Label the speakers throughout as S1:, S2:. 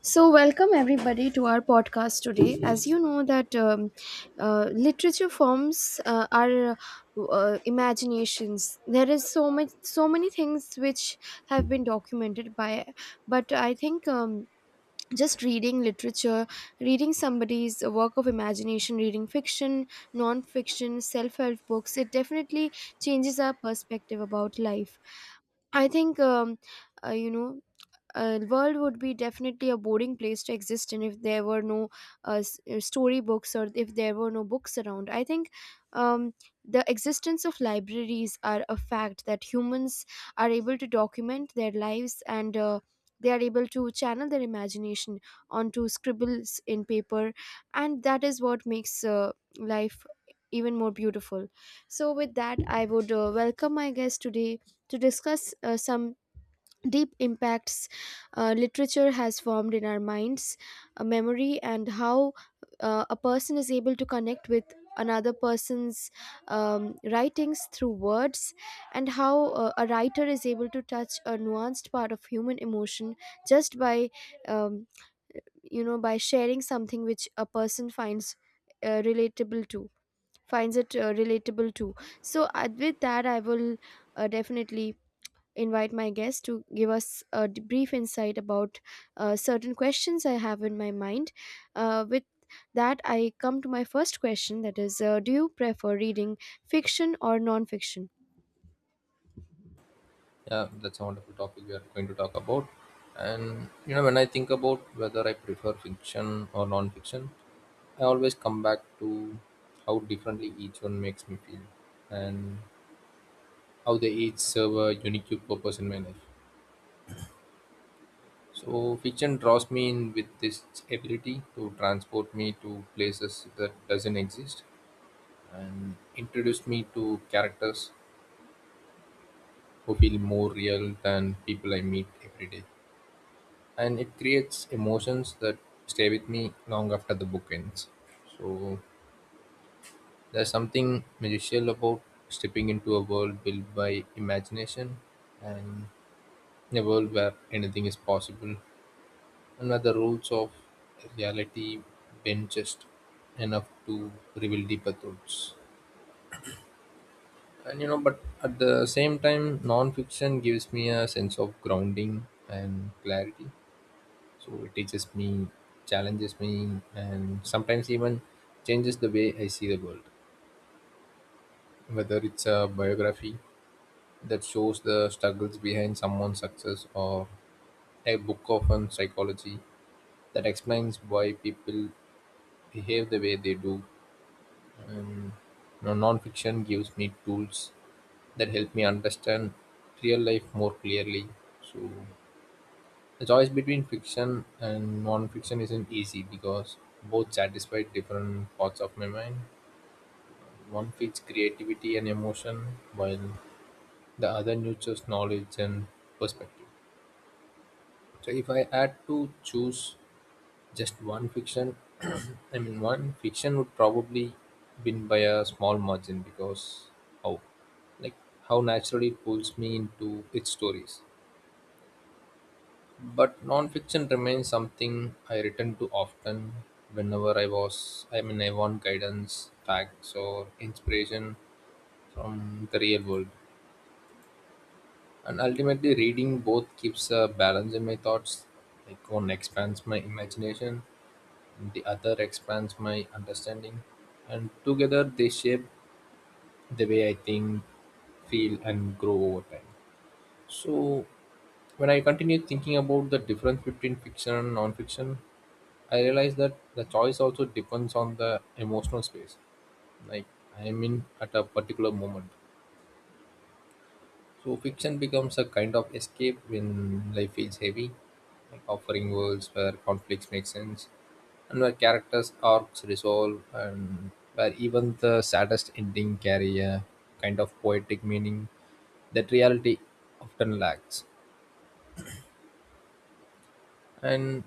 S1: So, welcome everybody to our podcast today. As you know that literature forms our imaginations. There is so much, so many things which have been documented by, but I think. Just reading literature, reading somebody's work of imagination, reading fiction, non fiction, self help books, it definitely changes our perspective about life. I think, uh, you know, world would be definitely a boring place to exist in if there were no storybooks or if there were no books around. I think um, the existence of libraries are a fact that humans are able to document their lives, and they are able to channel their imagination onto scribbles in paper, and that is what makes life even more beautiful. So, with that, I would welcome my guest today to discuss some deep impacts literature has formed in our minds, a memory, and how a person is able to connect with another person's writings through words, and how a writer is able to touch a nuanced part of human emotion just by, um, by sharing something which a person finds relatable to, finds it relatable to. So with that, I will definitely invite my guest to give us a brief insight about certain questions I have in my mind. With that, I come to my first question, that is, do you prefer reading fiction or non fiction?
S2: Yeah, that's a wonderful topic we are going to talk about. And you know, when I think about whether I prefer fiction or non-fiction, I always come back to how differently each one makes me feel, and how they each serve a unique purpose in my life. So, fiction draws me in with this ability to transport me to places that doesn't exist, and introduce me to characters who feel more real than people I meet every day. And it creates emotions that stay with me long after the book ends. So there's something magical about stepping into a world built by imagination and in a world where anything is possible and where the rules of reality bend just enough to reveal deeper thoughts. And you know, but at the same time, non-fiction gives me a sense of grounding and clarity, so it teaches me, challenges me, and sometimes even changes the way I see the world, whether it's a biography that shows the struggles behind someone's success or a book on psychology that explains why people behave the way they do. And you know, non-fiction gives me tools that help me understand real life more clearly. So the choice between fiction and non-fiction isn't easy because both satisfy different parts of my mind. One feeds creativity and emotion, while the other nurtures knowledge and perspective. So, if I had to choose just one, fiction, I mean, one fiction would probably win by a small margin because how, like, how naturally it pulls me into its stories. But nonfiction remains something I return to often whenever I was I mean I want guidance, facts, or inspiration from the real world. And ultimately, reading both keeps a balance in my thoughts. Like, one expands my imagination and the other expands my understanding. And together they shape the way I think, feel, and grow over time. So when I continue thinking about the difference between fiction and non-fiction, I realize that the choice also depends on the emotional space, like, I am in at a particular moment. So fiction becomes a kind of escape when life feels heavy, like offering worlds where conflicts make sense and where characters' arcs resolve and where even the saddest ending carry a kind of poetic meaning that reality often lacks. And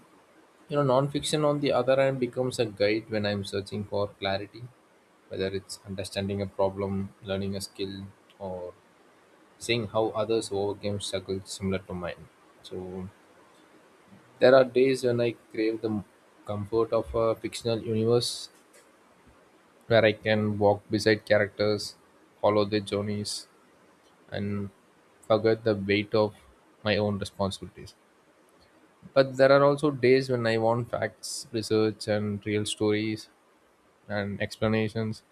S2: you know, nonfiction, on the other hand, becomes a guide when I'm searching for clarity, whether it's understanding a problem, learning a skill, or seeing how others overcame struggles similar to mine. So, there are days when I crave the comfort of a fictional universe where I can walk beside characters, follow their journeys, and forget the weight of my own responsibilities. But there are also days when I want facts, research, and real stories and explanations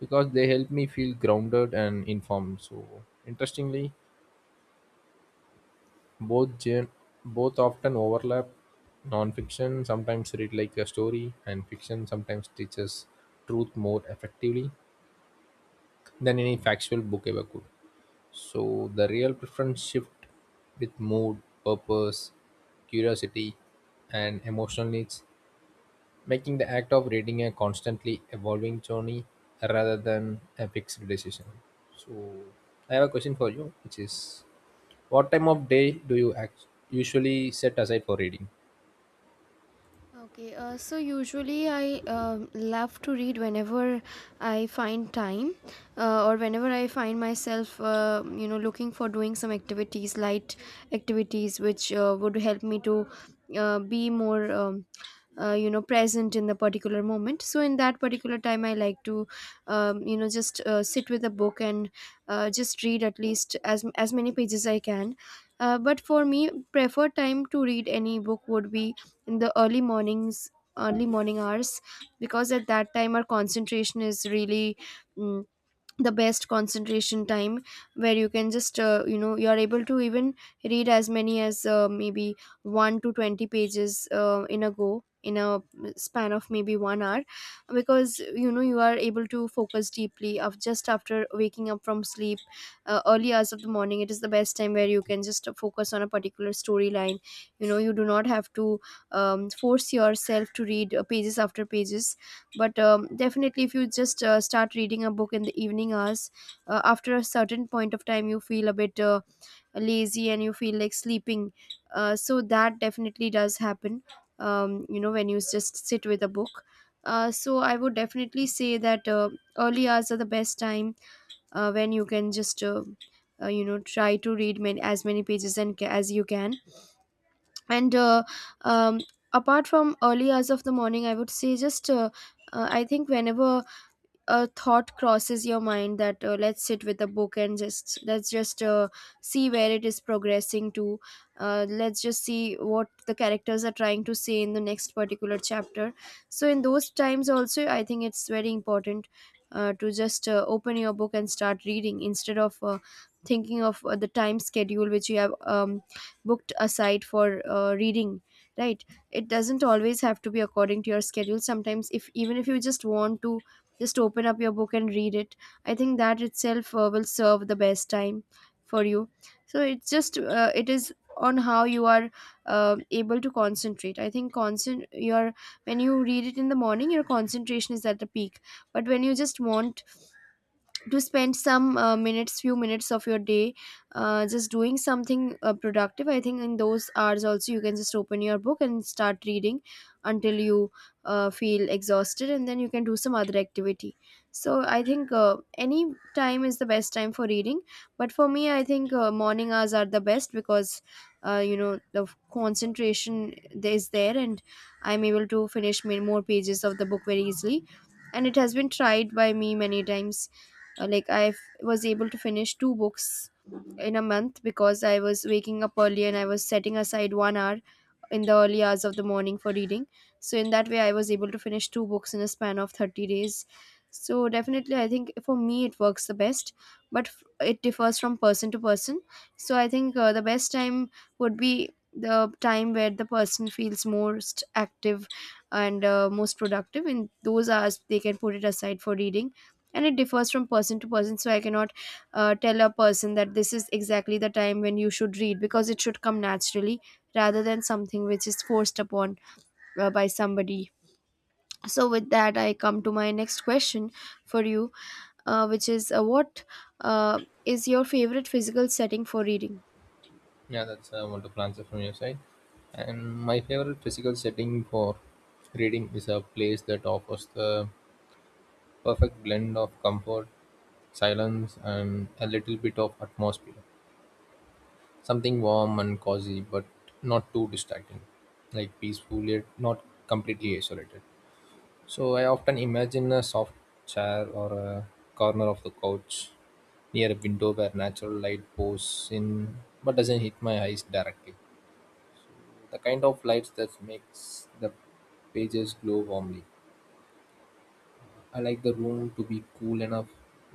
S2: because they help me feel grounded and informed. So, interestingly, both gen- both often overlap. Nonfiction sometimes read like a story, and fiction sometimes teaches truth more effectively than any factual book ever could. So, the real preference shift with mood, purpose, curiosity, and emotional needs, making the act of reading a constantly evolving journey rather than a fixed decision. So, I have a question for you, which is, what time of day do you act- usually set aside for reading?
S1: Okay, so usually I love to read whenever I find time, or whenever I find myself, looking for doing some activities, light activities, which would help me to be more, present in the particular moment. So in that particular time, I like to, you know, just sit with a book and just read at least as many pages I can. But for me, preferred time to read any book would be in the early mornings, early morning hours, because at that time our concentration is really mm the best concentration time, where you can just you are able to even read as many as maybe 1 to 20 pages in a go, in a span of maybe 1 hour, because you know you are able to focus deeply of just after waking up from sleep. Early hours of the morning, it is the best time where you can just focus on a particular storyline. You know, you do not have to force yourself to read pages after pages. But definitely, if you just start reading a book in the evening hours, after a certain point of time you feel a bit lazy and you feel like sleeping. So that definitely does happen, when you just sit with a book. So I would definitely say that early hours are the best time, when you can just try to read many, as many pages, and as you can. And um, apart from early hours of the morning, I would say, just I think whenever a thought crosses your mind that, let's sit with a book and just let's just see where it is progressing to, let's just see what the characters are trying to say in the next particular chapter. So in those times also I think it's very important to just open your book and start reading, instead of thinking of the time schedule which you have booked aside for reading, right? It doesn't always have to be according to your schedule. Sometimes, if even if you just want to, just open up your book and read it. I think that itself will serve the best time for you. So it's just it is on how you are able to concentrate. I think concent your when you read it in the morning, your concentration is at the peak. But when you just want to spend some minutes few minutes of your day just doing something productive, I think in those hours also you can just open your book and start reading until you feel exhausted, and then you can do some other activity. So I think any time is the best time for reading. But for me, I think morning hours are the best, because uh, you know the concentration is there, and I'm able to finish many more pages of the book very easily, and it has been tried by me many times. Like I was able to finish two books in a month, because I was waking up early and I was setting aside 1 hour in the early hours of the morning for reading. So in that way, I was able to finish two books in a span of 30 days. So definitely, I think for me it works the best, but it differs from person to person. So I think the best time would be the time where the person feels most active and most productive. In those hours, they can put it aside for reading. And it differs from person to person, so I cannot tell a person that this is exactly the time when you should read, because it should come naturally rather than something which is forced upon by somebody. So with that I come to my next question for you, which is, what uh, is your favorite physical setting for reading?
S2: Yeah, that's a wonderful answer from your side. And my favorite physical setting for reading is a place that offers the perfect blend of comfort, silence, and a little bit of atmosphere. Something warm and cozy, but not too distracting. Like, peaceful, yet not completely isolated. So I often imagine a soft chair or a corner of the couch near a window where natural light pours in but doesn't hit my eyes directly. The kind of lights that makes the pages glow warmly. I like the room to be cool enough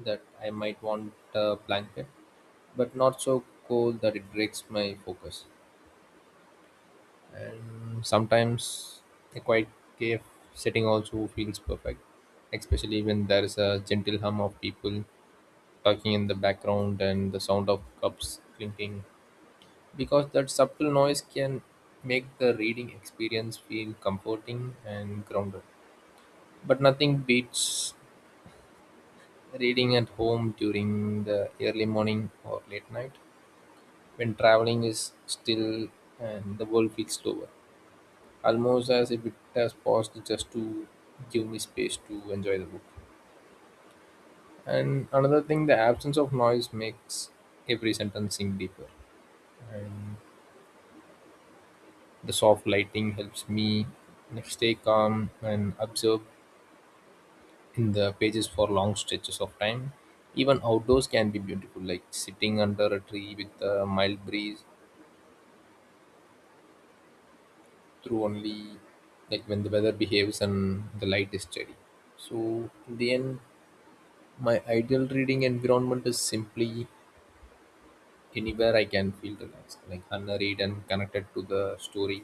S2: that I might want a blanket, but not so cold that it breaks my focus. And sometimes a quiet cave setting also feels perfect, especially when there is a gentle hum of people talking in the background and the sound of cups clinking, because that subtle noise can make the reading experience feel comforting and grounded. But nothing beats reading at home during the early morning or late night when traveling is still and the world feels slower, almost as if it has paused just to give me space to enjoy the book. And another thing, the absence of noise makes every sentence sink deeper. And the soft lighting helps me, like, stay calm and observe in the pages for long stretches of time. Even outdoors can be beautiful, like sitting under a tree with a mild breeze, through only, like, when the weather behaves and the light is steady. So in the end, my ideal reading environment is simply anywhere I can feel relaxed, like, unhurried and connected to the story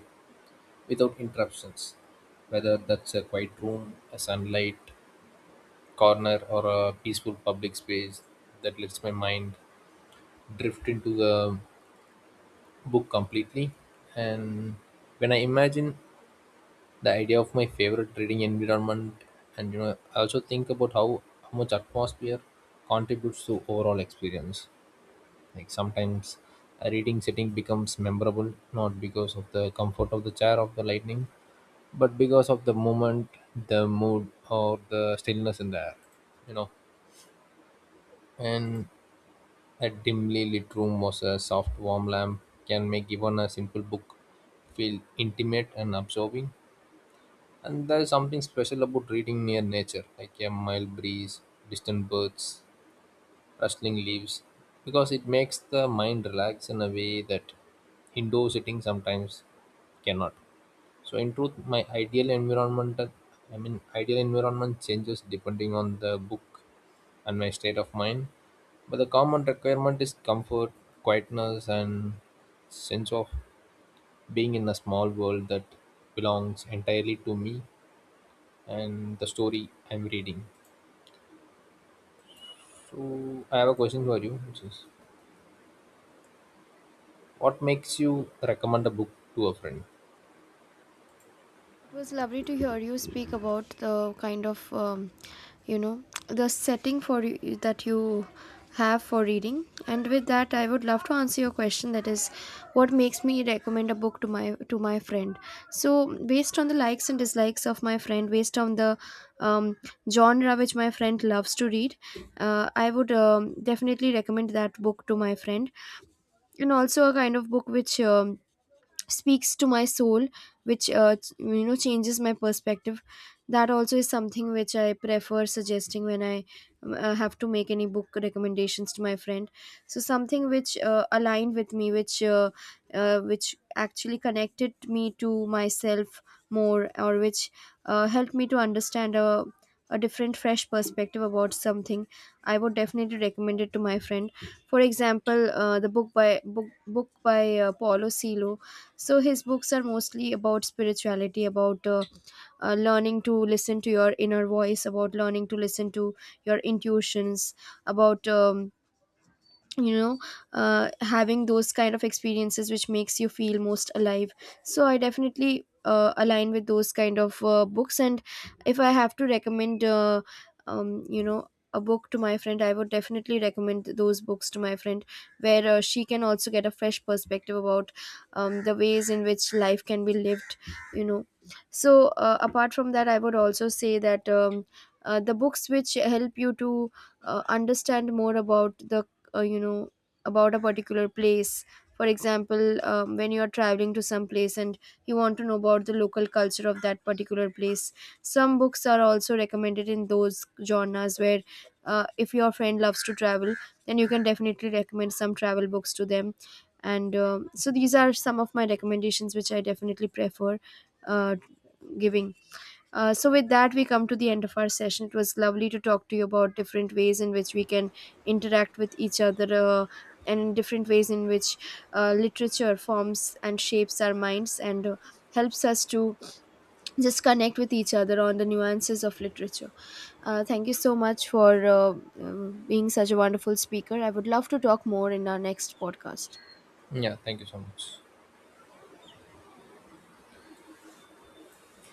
S2: without interruptions. Whether that's a quiet room, a sunlight corner, or a peaceful public space that lets my mind drift into the book completely. And when I imagine the idea of my favorite reading environment, and you know, I also think about how much atmosphere contributes to overall experience. Like, sometimes a reading sitting becomes memorable not because of the comfort of the chair of the lightning, but because of the moment, the mood, or the stillness in the air. You know, and a dimly lit room was a soft warm lamp can make even a simple book feel intimate and absorbing. And there is something special about reading near nature, like a mild breeze, distant birds, rustling leaves, because it makes the mind relax in a way that indoor sitting sometimes cannot. So in truth, my ideal environment changes depending on the book and my state of mind. But the common requirement is comfort, quietness, and sense of being in a small world that belongs entirely to me and the story I'm reading. So I have a question for you, which is, what makes you recommend a book to a friend?
S1: It was lovely to hear you speak about the kind of, you know, the setting for that you have for reading. And with that, I would love to answer your question. That is, what makes me recommend a book to my friend? So, based on the likes and dislikes of my friend, based on the um, genre which my friend loves to read, I would definitely recommend that book to my friend. And also a kind of book which speaks to my soul, which changes my perspective, that also is something which I prefer suggesting when I have to make any book recommendations to my friend. So something which aligned with me, which actually connected me to myself more, or which helped me to understand a different fresh perspective about something, I would definitely recommend it to my friend. For example, the book by book book by Paulo Coelho. So his books are mostly about spirituality, about learning to listen to your inner voice, about learning to listen to your intuitions, about you know having those kind of experiences which makes you feel most alive. So I definitely align with those kind of books. And if I have to recommend, um, you know a book to my friend, I would definitely recommend those books to my friend, where she can also get a fresh perspective about the ways in which life can be lived you know so apart from that, I would also say that the books which help you to understand more about the, uh, you know about a particular place. For example, when you are traveling to some place and you want to know about the local culture of that particular place, some books are also recommended in those genres where, if your friend loves to travel, then you can definitely recommend some travel books to them. And so these are some of my recommendations which I definitely prefer uh, giving. So with that, we come to the end of our session. It was lovely to talk to you about different ways in which we can interact with each other, and different ways in which literature forms and shapes our minds, and helps us to just connect with each other on the nuances of literature. Thank you so much for being such a wonderful speaker. I would love to talk more in our next podcast.
S2: Yeah, thank you so much.